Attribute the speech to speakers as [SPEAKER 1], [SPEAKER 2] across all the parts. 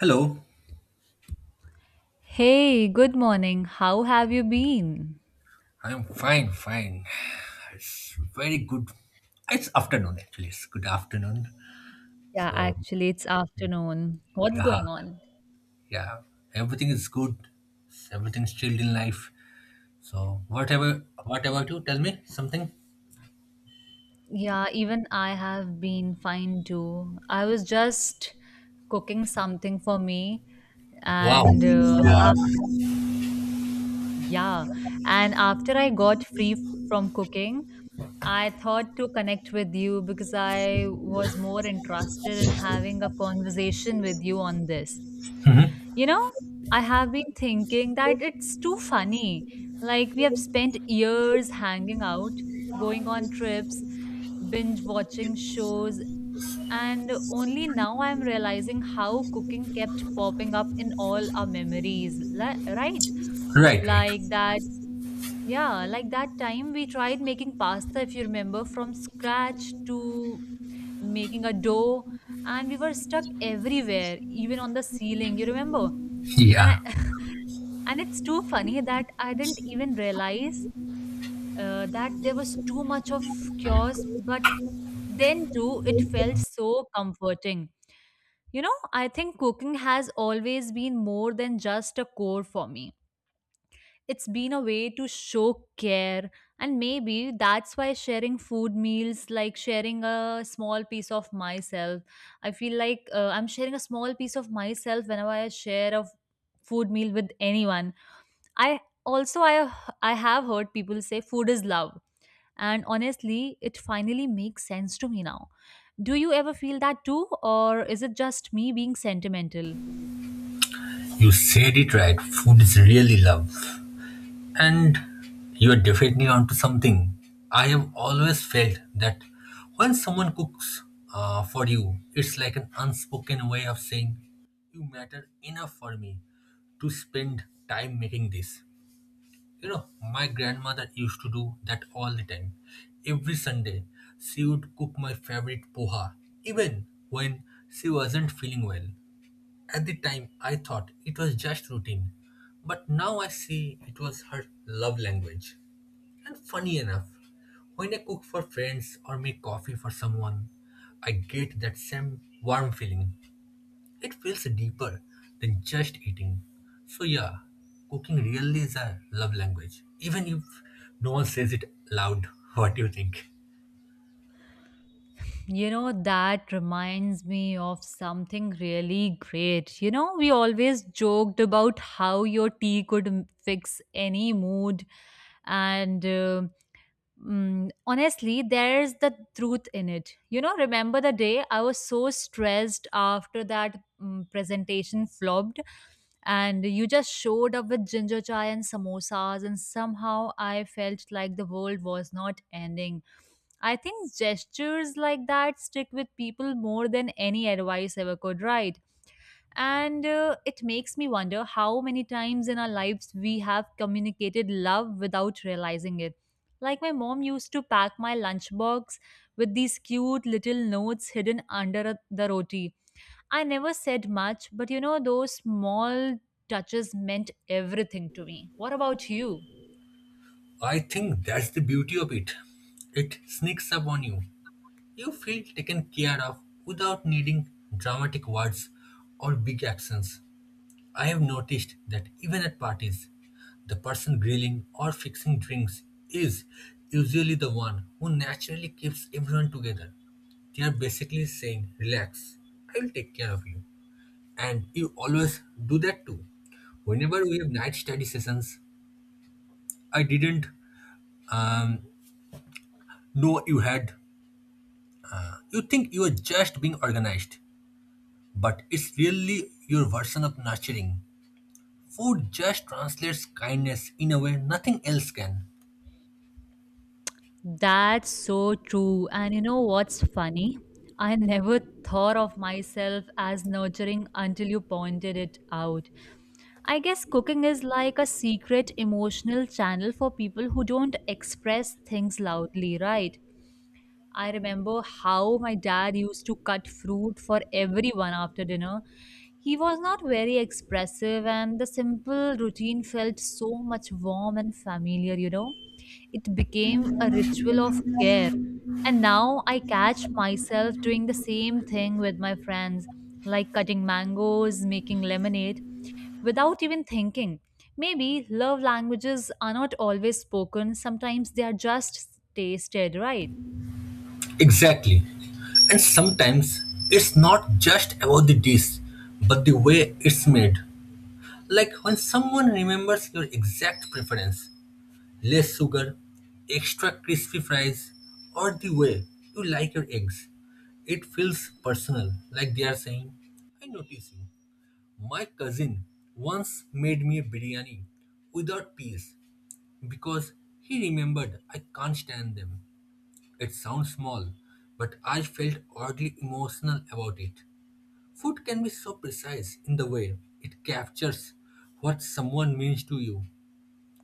[SPEAKER 1] Hello.
[SPEAKER 2] Hey, good morning. How have you been?
[SPEAKER 1] I'm fine, fine. It's very good. It's afternoon actually. It's good afternoon.
[SPEAKER 2] Yeah,
[SPEAKER 1] So
[SPEAKER 2] actually, it's afternoon. What's
[SPEAKER 1] yeah,
[SPEAKER 2] going on?
[SPEAKER 1] yeah. Everything is good. Everything's chilled in life. So whatever, you? Tell me something.
[SPEAKER 2] Yeah, even I have been fine too. I was just cooking something for me,
[SPEAKER 1] Wow.
[SPEAKER 2] and
[SPEAKER 1] Wow.
[SPEAKER 2] yeah, and after I got free from cooking, I thought to connect with you because I was more interested in having a conversation with you on this. You know, I have been thinking that it's too funny. Like, we have spent years hanging out, going on trips, binge watching shows, and only now I'm realizing how cooking kept popping up in all our memories, right?
[SPEAKER 1] Right, right.
[SPEAKER 2] Like that, yeah, like that time we tried making pasta, if you remember, from scratch to making a dough, and we were stuck everywhere, even on the ceiling, you remember? and
[SPEAKER 1] Yeah.
[SPEAKER 2] I, and it's too funny that I didn't even realize that there was too much of chaos, but then too, it felt so comforting. You know, I think cooking has always been more than just a chore for me. It's been a way to show care, and maybe that's why sharing food meals, like sharing a small piece of myself, I feel like I'm sharing a small piece of myself whenever I share a food meal with anyone. I also I have heard people say food is love, and honestly, it finally makes sense to me now. Do you ever feel that too, or is it just me being sentimental?
[SPEAKER 1] You said it right. Food is really love. And you're definitely onto something. I have always felt that when someone cooks for you, it's like an unspoken way of saying, You matter enough for me to spend time making this. You know, my grandmother used to do that all the time. Every Sunday, she would cook my favorite poha, even when she wasn't feeling well. At the time, I thought it was just routine, but now I see it was her love language. And funny enough, when I cook for friends or make coffee for someone, I get that same warm feeling. It feels deeper than just eating. So, yeah, cooking really is a love language, even if no one says it loud. What do you think?
[SPEAKER 2] You know, that reminds me of something really great. You know, we always joked about how your tea could fix any mood, and honestly, there's the truth in it. You know, remember the day I was so stressed after that presentation flopped, and you just showed up with ginger chai and samosas, and somehow I felt like the world was not ending. I think gestures like that stick with people more than any advice ever could, right? And it makes me wonder how many times in our lives we have communicated love without realizing it. Like my mom used to pack my lunchbox with these cute little notes hidden under the roti. I never said much, but you know, those small touches meant everything to me. What about you?
[SPEAKER 1] I think that's the beauty of it. It sneaks up on you. You feel taken care of without needing dramatic words or big actions. I have noticed that even at parties, the person grilling or fixing drinks is usually the one who naturally keeps everyone together. They are basically saying, Relax, I will take care of you. And you always do that too. Whenever we have night study sessions, I didn't um, know you had. You think you are just being organized, but it's really your version of nurturing. Food just translates kindness in a way nothing else can.
[SPEAKER 2] That's so true. And you know what's funny? I never thought of myself as nurturing until you pointed it out. I guess cooking is like a secret emotional channel for people who don't express things loudly, right? I remember how my dad used to cut fruit for everyone after dinner. He was not very expressive, and the simple routine felt so much warm and familiar, you know? It became a ritual of care. And now I catch myself doing the same thing with my friends, like cutting mangoes, making lemonade without even thinking. Maybe love languages are not always spoken, sometimes they are just tasted, right?
[SPEAKER 1] Exactly. And sometimes it's not just about the dish, but the way it's made. Like when someone remembers your exact preference less sugar, extra crispy fries, or the way you like your eggs. It feels personal, like they are saying, I notice you. My cousin once made me a biryani without peas because he remembered I can't stand them. It sounds small, but I felt oddly emotional about it. Food can be so precise in the way it captures what someone means to you,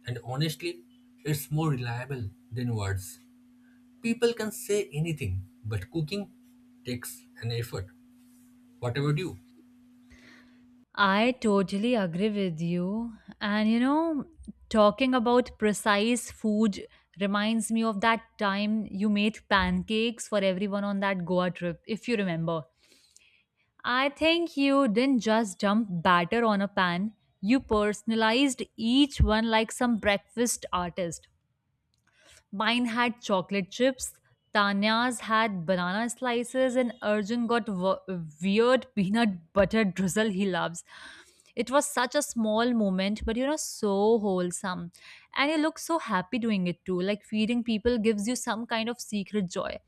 [SPEAKER 1] and honestly, it's more reliable than words. People can say anything, but cooking takes an effort. What about you?
[SPEAKER 2] I totally agree with you. And you know, talking about precise food reminds me of that time you made pancakes for everyone on that Goa trip, if you remember. I think you didn't just dump batter on a pan, you personalized each one like some breakfast artist. Mine had chocolate chips, Tanya's had banana slices, and Arjun got weird peanut butter drizzle he loves. It was such a small moment, but you know, so wholesome. And you look so happy doing it too. Like feeding people gives you some kind of secret joy.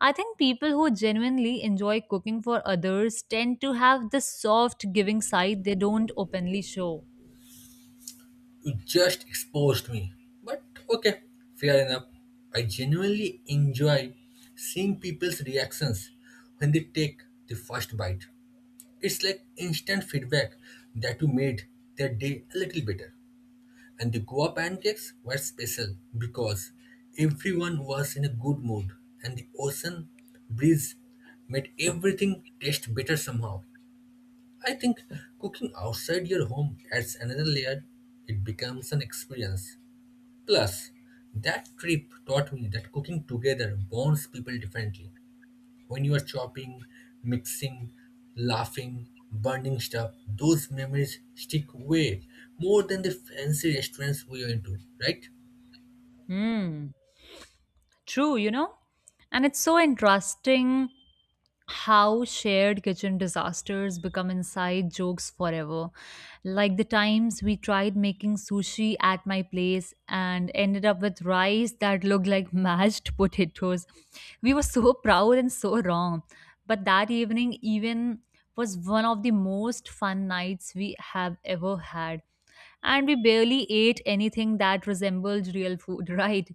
[SPEAKER 2] I think people who genuinely enjoy cooking for others tend to have this soft giving side they don't openly show.
[SPEAKER 1] You just exposed me. But okay, fair enough. I genuinely enjoy seeing people's reactions when they take the first bite. It's like instant feedback that you made their day a little better. And the Goa pancakes were special because everyone was in a good mood and the ocean breeze made everything taste better somehow. I think cooking outside your home adds another layer, it becomes an experience. Plus, that trip taught me that cooking together bonds people differently. When you are chopping, mixing, laughing, burning stuff, those memories stick way more than the fancy restaurants we went to, right?
[SPEAKER 2] Hmm, true, you know? And it's so interesting how shared kitchen disasters become inside jokes forever. Like the times we tried making sushi at my place and ended up with rice that looked like mashed potatoes. We were so proud and so wrong. But that evening, even was one of the most fun nights we have ever had. And we barely ate anything that resembled real food, right?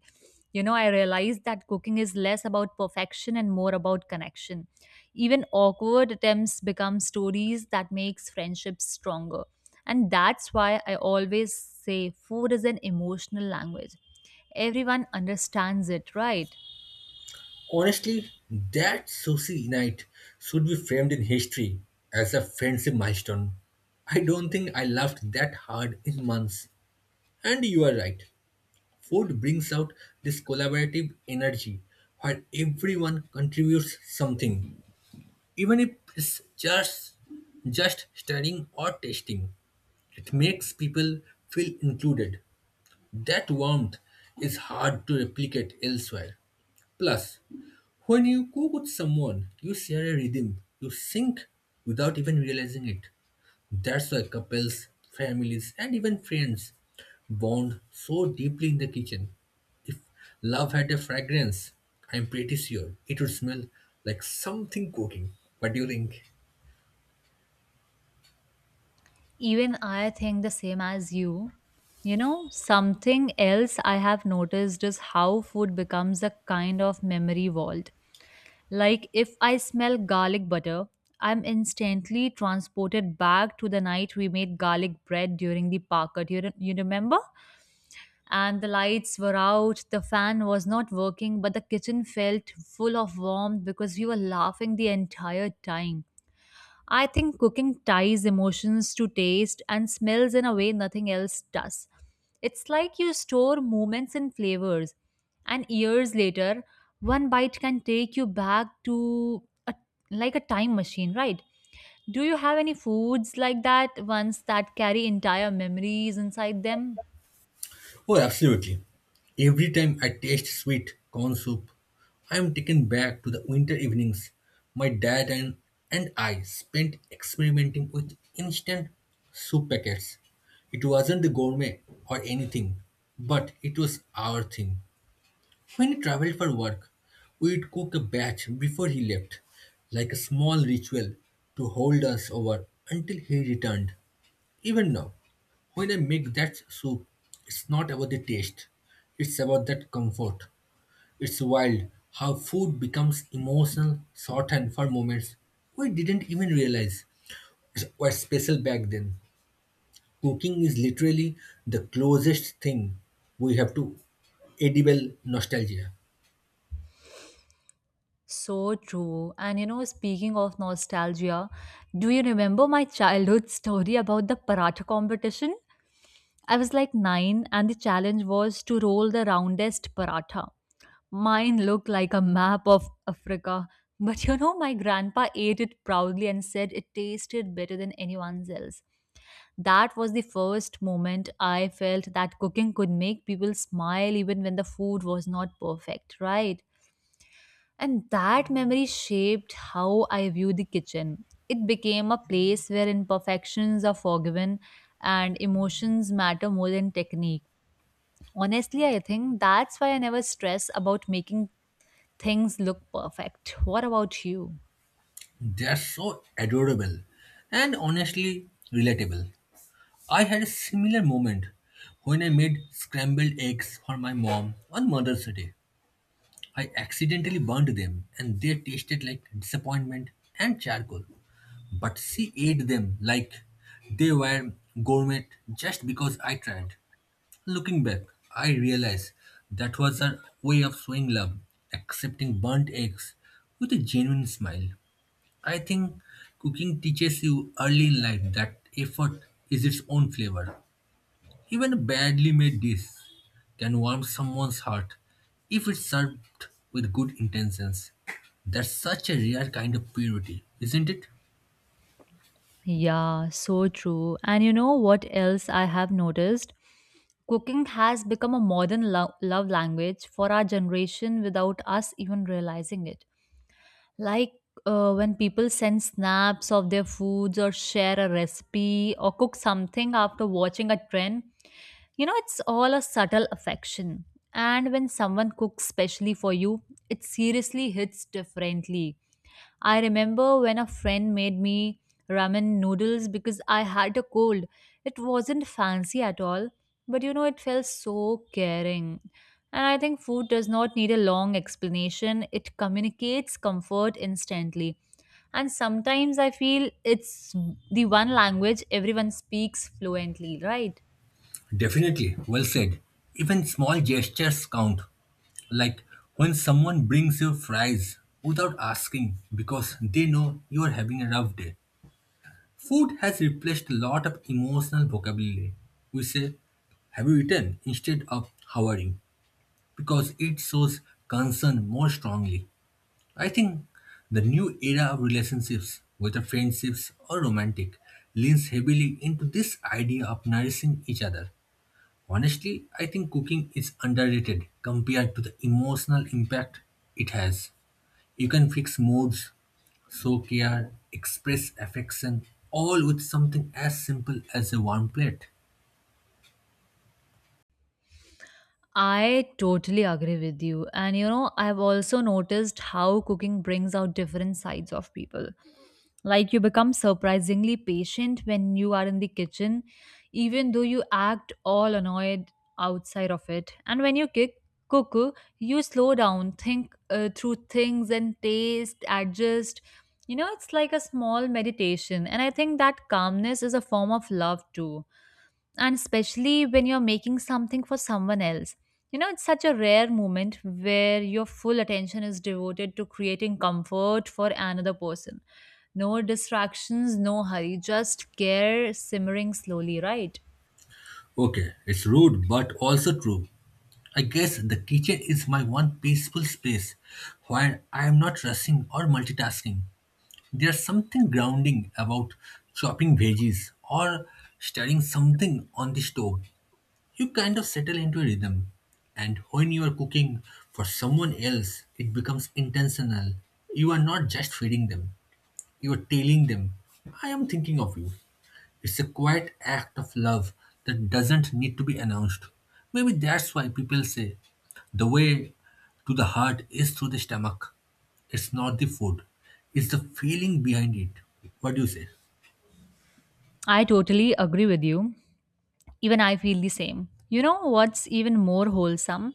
[SPEAKER 2] You know, I realized that cooking is less about perfection and more about connection, even awkward attempts become stories that makes friendships stronger. And that's why I always say food is an emotional language. Everyone understands it, right?
[SPEAKER 1] Honestly, that sushi night should be framed in history as a friendship milestone. I don't think I laughed that hard in months. And you are right. Food brings out this collaborative energy where everyone contributes something, even if it's just studying or testing, it makes people feel included, that warmth is hard to replicate elsewhere. Plus, when you cook with someone, you share a rhythm, you sync without even realizing it. That's why couples, families, and even friends bond so deeply in the kitchen. If love had a fragrance, I'm pretty sure it would smell like something cooking. What do you think?
[SPEAKER 2] Even I think the same as you. You know, something else I have noticed is how food becomes a kind of memory vault. Like if I smell garlic butter, I'm instantly transported back to the night we made garlic bread during the park. You remember? And the lights were out, the fan was not working, but the kitchen felt full of warmth because we were laughing the entire time. I think cooking ties emotions to taste and smells in a way nothing else does. It's like you store moments in flavors, and years later, one bite can take you back to like a time machine, right? Do you have any foods like that, ones that carry entire memories inside them?
[SPEAKER 1] Oh, absolutely. Every time I taste sweet corn soup, I am taken back to the winter evenings my dad and I spent experimenting with instant soup packets. It wasn't the gourmet or anything, but it was our thing. When he traveled for work, we would cook a batch before he left, like a small ritual to hold us over until he returned. Even now, when I make that soup, it's not about the taste, it's about that comfort. It's wild how food becomes emotional shorthand for moments we didn't even realize were special back then. Cooking is literally the closest thing we have to edible nostalgia.
[SPEAKER 2] So true. And you know, speaking of nostalgia, do you remember my childhood story about the paratha competition? I was like nine, and the challenge was to roll the roundest paratha. Mine looked like a map of Africa. But you know, my grandpa ate it proudly and said it tasted better than anyone's else. That was the first moment I felt that cooking could make people smile even when the food was not perfect, right? And that memory shaped how I view the kitchen. It became a place where imperfections are forgiven and emotions matter more than technique. Honestly, I think that's why I never stress about making things look perfect. What about you?
[SPEAKER 1] They're so adorable and honestly relatable. I had a similar moment when I made scrambled eggs for my mom on Mother's Day. I accidentally burned them and they tasted like disappointment and charcoal. But she ate them like they were gourmet just because I tried. Looking back, I realize that was her way of showing love, accepting burnt eggs with a genuine smile. I think cooking teaches you early in life that effort is its own flavor. Even a badly made dish can warm someone's heart if it's served with good intentions. That's such a rare kind of purity, isn't it?
[SPEAKER 2] Yeah, so true. And you know what else I have noticed? Cooking has become a modern love language for our generation without us even realizing it. Like when people send snaps of their foods or share a recipe or cook something after watching a trend, you know, it's all a subtle affection. And when someone cooks specially for you, it seriously hits differently. I remember when a friend made me ramen noodles because I had a cold. It wasn't fancy at all, but you know, it felt so caring. And I think food does not need a long explanation, it communicates comfort instantly. And sometimes I feel it's the one language everyone speaks fluently, right?
[SPEAKER 1] Definitely, well said. Even small gestures count. Like when someone brings you fries without asking because they know you are having a rough day. Food has replaced a lot of emotional vocabulary. We say, Have you eaten? Instead of how are you? Because it shows concern more strongly. I think the new era of relationships, whether friendships or romantic, leans heavily into this idea of nourishing each other. Honestly, I think cooking is underrated compared to the emotional impact it has. You can fix moods, sow care, express affection, all with something as simple as a warm plate.
[SPEAKER 2] I totally agree with you. And you know, I've also noticed how cooking brings out different sides of people. Like you become surprisingly patient when you are in the kitchen, even though you act all annoyed outside of it. And when you cook, you slow down, think through things and taste, adjust. You know, it's like a small meditation. And I think that calmness is a form of love too, and especially when you're making something for someone else. You know, it's such a rare moment where your full attention is devoted to creating comfort for another person. No distractions, no hurry, just care simmering slowly, right?
[SPEAKER 1] Okay, it's rude but also true. I guess the kitchen is my one peaceful space where I am not rushing or multitasking. There's something grounding about chopping veggies or stirring something on the stove. You kind of settle into a rhythm. And when you are cooking for someone else, it becomes intentional. You are not just feeding them, you are telling them, I am thinking of you. It's a quiet act of love that doesn't need to be announced. Maybe that's why people say the way to the heart is through the stomach. It's not the food, it's the feeling behind it. What do you say?
[SPEAKER 2] I totally agree with you. Even I feel the same. You know what's even more wholesome?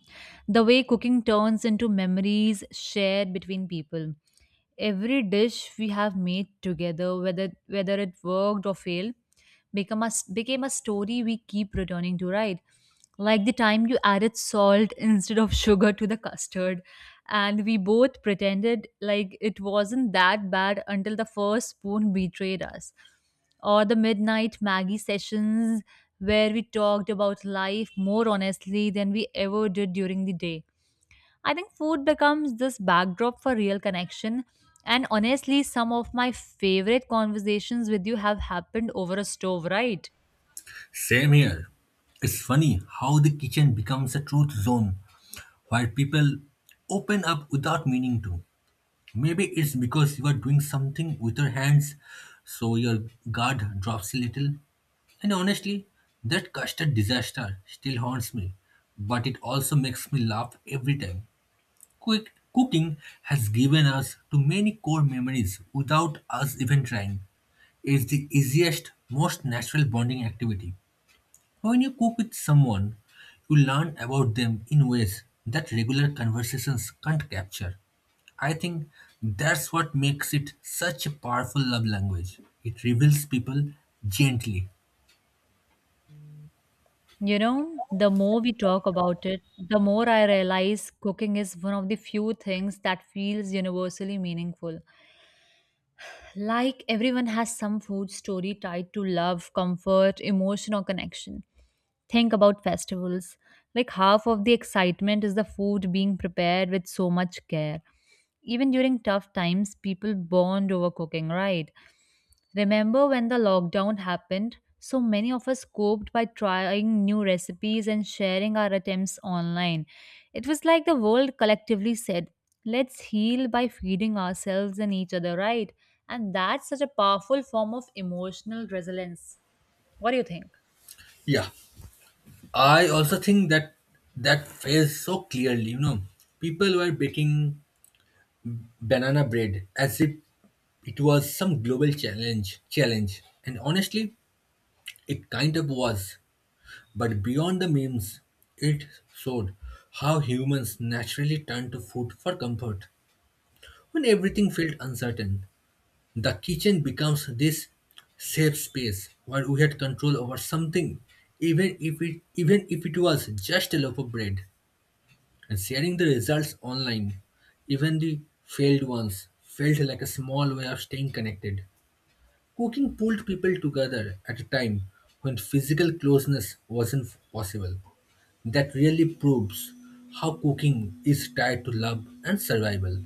[SPEAKER 2] The way cooking turns into memories shared between people. Every dish we have made together, whether it worked or failed, became a story we keep returning to, right? Like the time you added salt instead of sugar to the custard, and we both pretended like it wasn't that bad until the first spoon betrayed us. Or the midnight Maggie sessions where we talked about life more honestly than we ever did during the day. I think food becomes this backdrop for real connection. And honestly, some of my favorite conversations with you have happened over a stove, right?
[SPEAKER 1] Same here. It's funny how the kitchen becomes a truth zone where people open up without meaning to. Maybe it's because you are doing something with your hands, so your guard drops a little. And honestly, that custard disaster still haunts me, but it also makes me laugh every time. Quick cooking has given us too many core memories without us even trying. It's the easiest, most natural bonding activity. When you cook with someone, you learn about them in ways that regular conversations can't capture. I think that's what makes it such a powerful love language. It reveals people gently.
[SPEAKER 2] You know, the more we talk about it, the more I realize cooking is one of the few things that feels universally meaningful. Like everyone has some food story tied to love, comfort, emotion, or connection. Think about festivals. Like half of the excitement is the food being prepared with so much care. Even during tough times, people bond over cooking, right? Remember when the lockdown happened? So many of us coped by trying new recipes and sharing our attempts online. It was like the world collectively said, let's heal by feeding ourselves and each other, right? And that's such a powerful form of emotional resilience. What do you think?
[SPEAKER 1] Yeah, I also think that fails so clearly. You know, people were baking banana bread as if it was some global challenge. Challenge, and honestly, it kind of was. But beyond the memes, it showed how humans naturally turn to food for comfort. When everything felt uncertain, the kitchen becomes this safe space where we had control over something, even if it was just a loaf of bread. And sharing the results online, even the failed ones, felt like a small way of staying connected. Cooking pulled people together at a time when physical closeness wasn't possible. That really proves how cooking is tied to love and survival.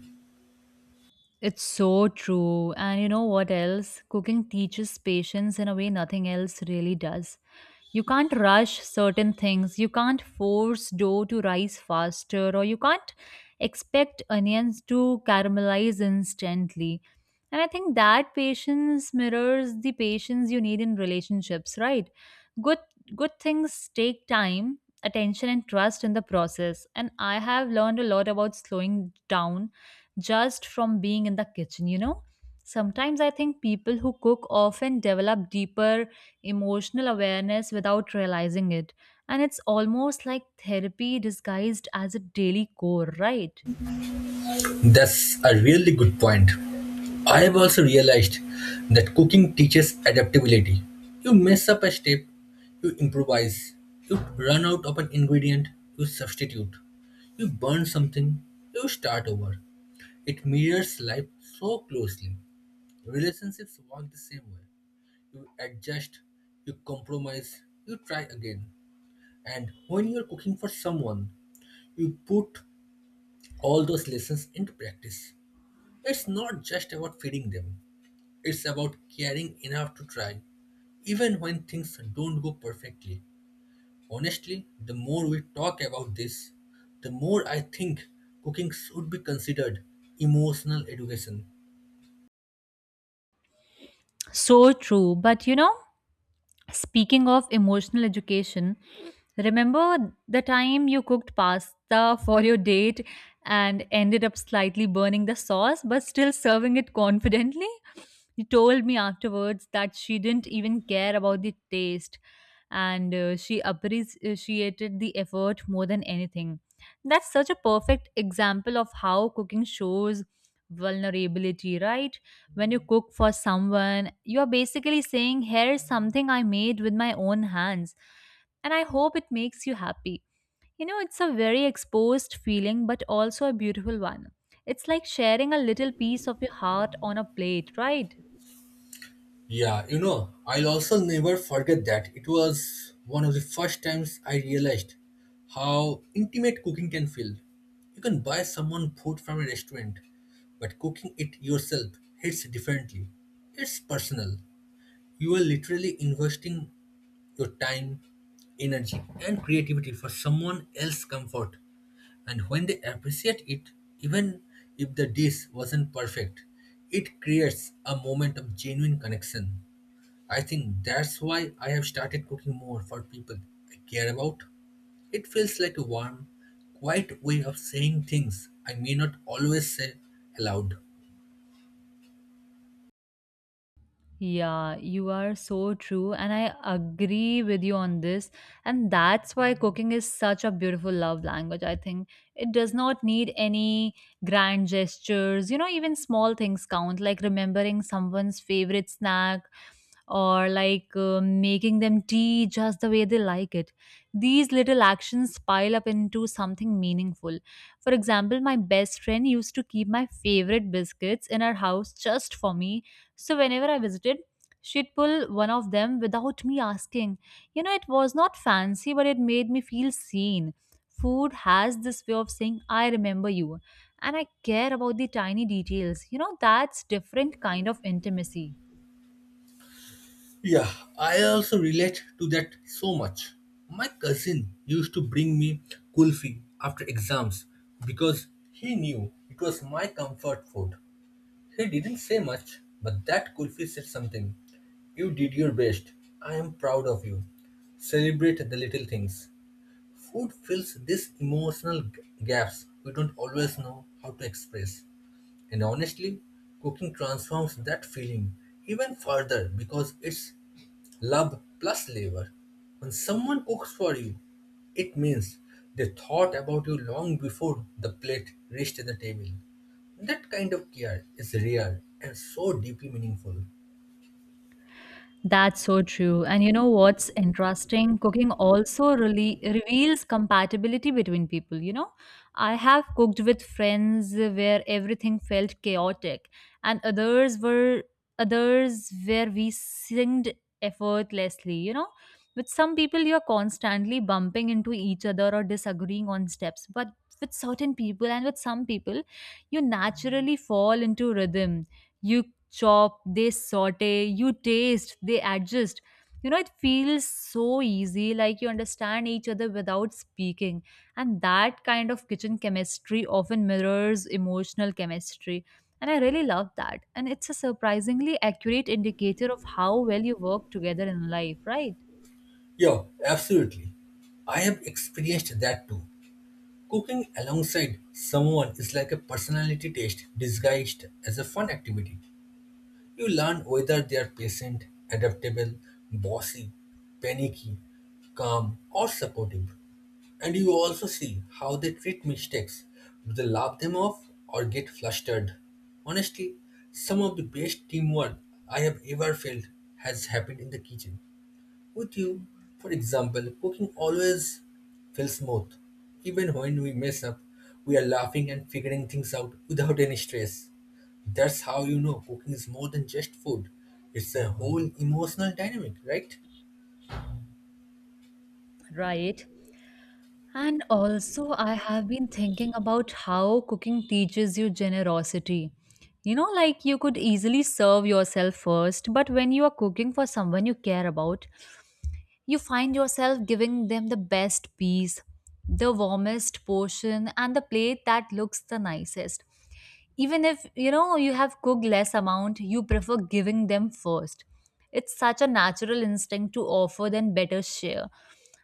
[SPEAKER 2] It's so true. And you know what else? Cooking teaches patience in a way nothing else really does. You can't rush certain things, you can't force dough to rise faster, or you can't expect onions to caramelize instantly. And I think that patience mirrors the patience you need in relationships, right? Good good things take time, attention and trust in the process. And I have learned a lot about slowing down just from being in the kitchen, you know? Sometimes I think people who cook often develop deeper emotional awareness without realizing it. And it's almost like therapy disguised as a daily core, right?
[SPEAKER 1] That's a really good point. I have also realized that cooking teaches adaptability. You mess up a step, you improvise, you run out of an ingredient, you substitute, you burn something, you start over. It mirrors life so closely. Relationships work the same way. You adjust, you compromise, you try again. And when you're cooking for someone, you put all those lessons into practice. It's not just about feeding them, it's about caring enough to try, even when things don't go perfectly. Honestly, the more we talk about this, the more I think cooking should be considered emotional education.
[SPEAKER 2] So true. But you know, speaking of emotional education, remember the time you cooked pasta for your date and ended up slightly burning the sauce but still serving it confidently? You told me afterwards that she didn't even care about the taste, and she appreciated the effort more than anything. That's such a perfect example of how cooking shows vulnerability, right? When you cook for someone, you are basically saying, "Here is something I made with my own hands, and I hope it makes you happy." You know, it's a very exposed feeling, but also a beautiful one. It's like sharing a little piece of your heart on a plate, right?
[SPEAKER 1] Yeah, you know, I'll also never forget that. It was one of the first times I realized how intimate cooking can feel. You can buy someone food from a restaurant, but cooking it yourself hits differently. It's personal. You are literally investing your time, energy, and creativity for someone else's comfort. And when they appreciate it, even if the dish wasn't perfect, it creates a moment of genuine connection. I think that's why I have started cooking more for people I care about. It feels like a warm, quiet way of saying things I may not always say aloud.
[SPEAKER 2] Yeah, you are so true, and I agree with you on this. And that's why cooking is such a beautiful love language. I think it does not need any grand gestures, you know, even small things count, like remembering someone's favorite snack, or like making them tea just the way they like it. These little actions pile up into something meaningful. For example, my best friend used to keep my favorite biscuits in her house just for me. So whenever I visited, she'd pull one of them without me asking. You know, it was not fancy, but it made me feel seen. Food has this way of saying, "I remember you, and I care about the tiny details." You know, that's different kind of intimacy.
[SPEAKER 1] Yeah, I also relate to that so much. My cousin used to bring me kulfi after exams because he knew it was my comfort food. He didn't say much, but that kulfi said something. You did your best. I am proud of you. Celebrate the little things. Food fills these emotional gaps we don't always know how to express. And honestly, cooking transforms that feeling even further because it's love plus labor. When someone cooks for you, it means they thought about you long before the plate reached the table. That kind of care is rare and so deeply meaningful.
[SPEAKER 2] That's so true. And you know what's interesting? Cooking also really reveals compatibility between people. You know, I have cooked with friends where everything felt chaotic, and others where we synced effortlessly. You know, with some people you're constantly bumping into each other or disagreeing on steps, but with certain people, and with some people, you naturally fall into rhythm. You chop, they saute, you taste, they adjust. You know, it feels so easy, like you understand each other without speaking. And that kind of kitchen chemistry often mirrors emotional chemistry. And I really love that. And it's a surprisingly accurate indicator of how well you work together in life, right?
[SPEAKER 1] Yeah, absolutely. I have experienced that too. Cooking alongside someone is like a personality test disguised as a fun activity. You learn whether they are patient, adaptable, bossy, panicky, calm, or supportive. And you also see how they treat mistakes. Do they laugh them off or get flustered? Honestly, some of the best teamwork I have ever felt has happened in the kitchen. With you, for example, cooking always feels smooth. Even when we mess up, we are laughing and figuring things out without any stress. That's how you know cooking is more than just food. It's a whole emotional dynamic, right?
[SPEAKER 2] Right. And also, I have been thinking about how cooking teaches you generosity. You know, like you could easily serve yourself first, but when you are cooking for someone you care about, you find yourself giving them the best piece, the warmest portion, and the plate that looks the nicest. Even if you know you have cooked less amount, you prefer giving them first. It's such a natural instinct to offer than better share.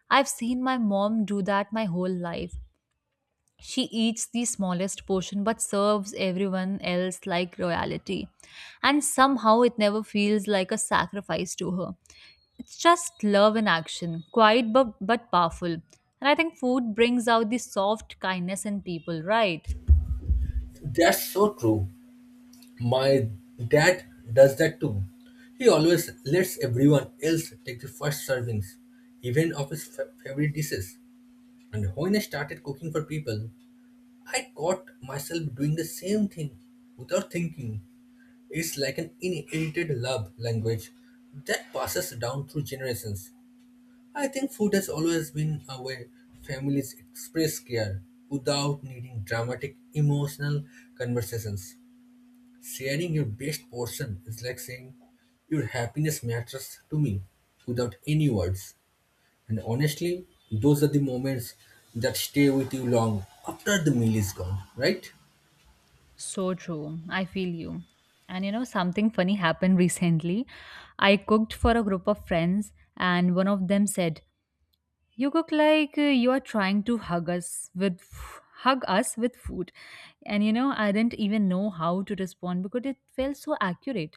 [SPEAKER 2] I've seen my mom do that my whole life. She eats the smallest portion but serves everyone else like royalty. And somehow it never feels like a sacrifice to her. It's just love in action, quiet but powerful. And I think food brings out the soft kindness in people, right?
[SPEAKER 1] That's so true. My dad does that too. He always lets everyone else take the first servings, even of his favorite dishes. And when I started cooking for people, I caught myself doing the same thing without thinking. It's like an inherited love language that passes down through generations. I think food has always been a way families express care without needing dramatic emotional conversations. Sharing your best portion is like saying, Your happiness matters to me without any words. And honestly, those are the moments that stay with you long after the meal is gone, right?
[SPEAKER 2] So true. I feel you. And you know, something funny happened recently. I cooked for a group of friends, and one of them said, "You cook like you are trying to hug us with food." And you know, I didn't even know how to respond because it felt so accurate.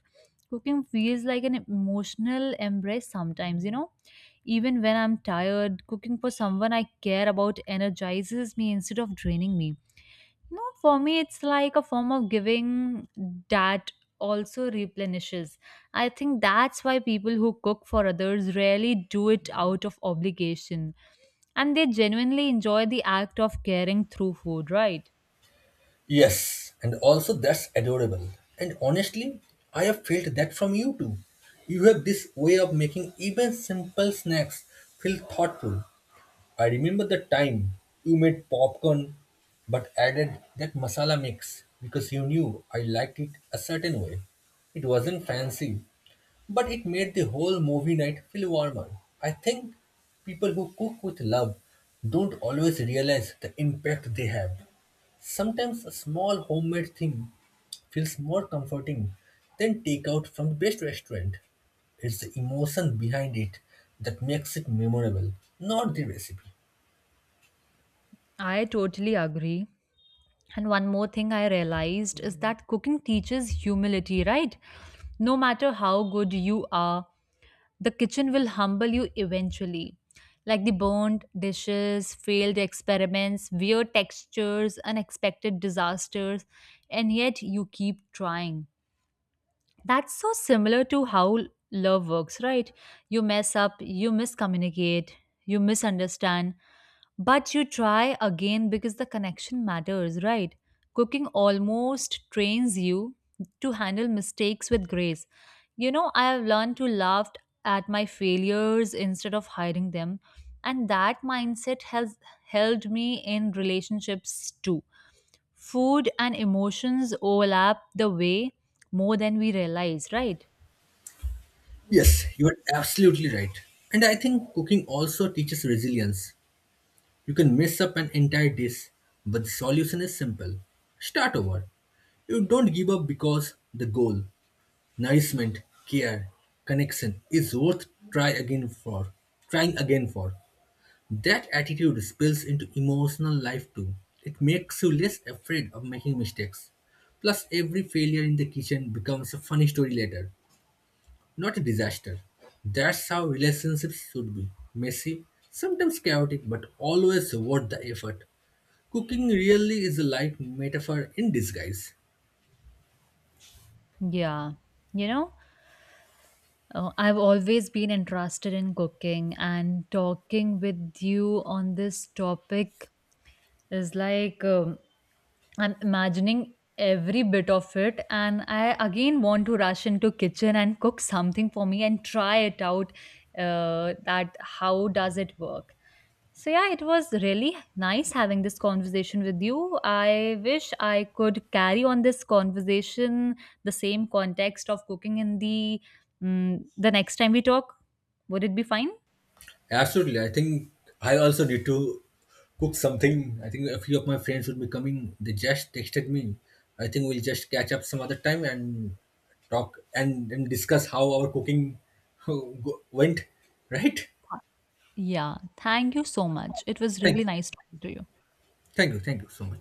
[SPEAKER 2] Cooking feels like an emotional embrace sometimes, you know. Even when I'm tired, cooking for someone I care about energizes me instead of draining me. No, for me, it's like a form of giving that also replenishes. I think that's why people who cook for others rarely do it out of obligation. And they genuinely enjoy the act of caring through food, right?
[SPEAKER 1] Yes, and also that's adorable. And honestly, I have felt that from you too. You have this way of making even simple snacks feel thoughtful. I remember the time you made popcorn but added that masala mix because you knew I liked it a certain way. It wasn't fancy, but it made the whole movie night feel warmer. I think people who cook with love don't always realize the impact they have. Sometimes a small homemade thing feels more comforting than takeout from the best restaurant. It's the emotion behind it that makes it memorable, not the recipe.
[SPEAKER 2] I totally agree. And one more thing I realized is that cooking teaches humility, right? No matter how good you are, the kitchen will humble you eventually. Like the burned dishes, failed experiments, weird textures, unexpected disasters, and yet you keep trying. That's so similar to how love works, right? You mess up, you miscommunicate, you misunderstand, but you try again because the connection matters, right? Cooking almost trains you to handle mistakes with grace. You know, I have learned to laugh at my failures instead of hiding them, and that mindset has held me in relationships too. Food and emotions overlap the way more than we realize, right?
[SPEAKER 1] Yes, you are absolutely right. And I think cooking also teaches resilience. You can mess up an entire dish, but the solution is simple. Start over. You don't give up because the goal, nourishment, care, connection is worth try again for. Trying again for. That attitude spills into emotional life too. It makes you less afraid of making mistakes. Plus, every failure in the kitchen becomes a funny story later, not a disaster. That's how relationships should be messy, sometimes chaotic, but always worth the effort. Cooking really is a life metaphor in disguise.
[SPEAKER 2] Yeah. You know? Oh, I've always been interested in cooking, and talking with you on this topic is like I'm imagining every bit of it, and I again want to rush into kitchen and cook something for me and try it out, that how does it work. So yeah, it was really nice having this conversation with you. I wish I could carry on this conversation, the same context of cooking in the the next time we talk. Would it be fine?
[SPEAKER 1] Absolutely. I think I also need to cook something. I think a few of my friends will be coming. They just texted me. I think we'll just catch up some other time and talk and discuss how our cooking went. Right?
[SPEAKER 2] Yeah. Thank you so much. It was
[SPEAKER 1] Thank,
[SPEAKER 2] really nice talking to you.
[SPEAKER 1] thank you. Thank you so much.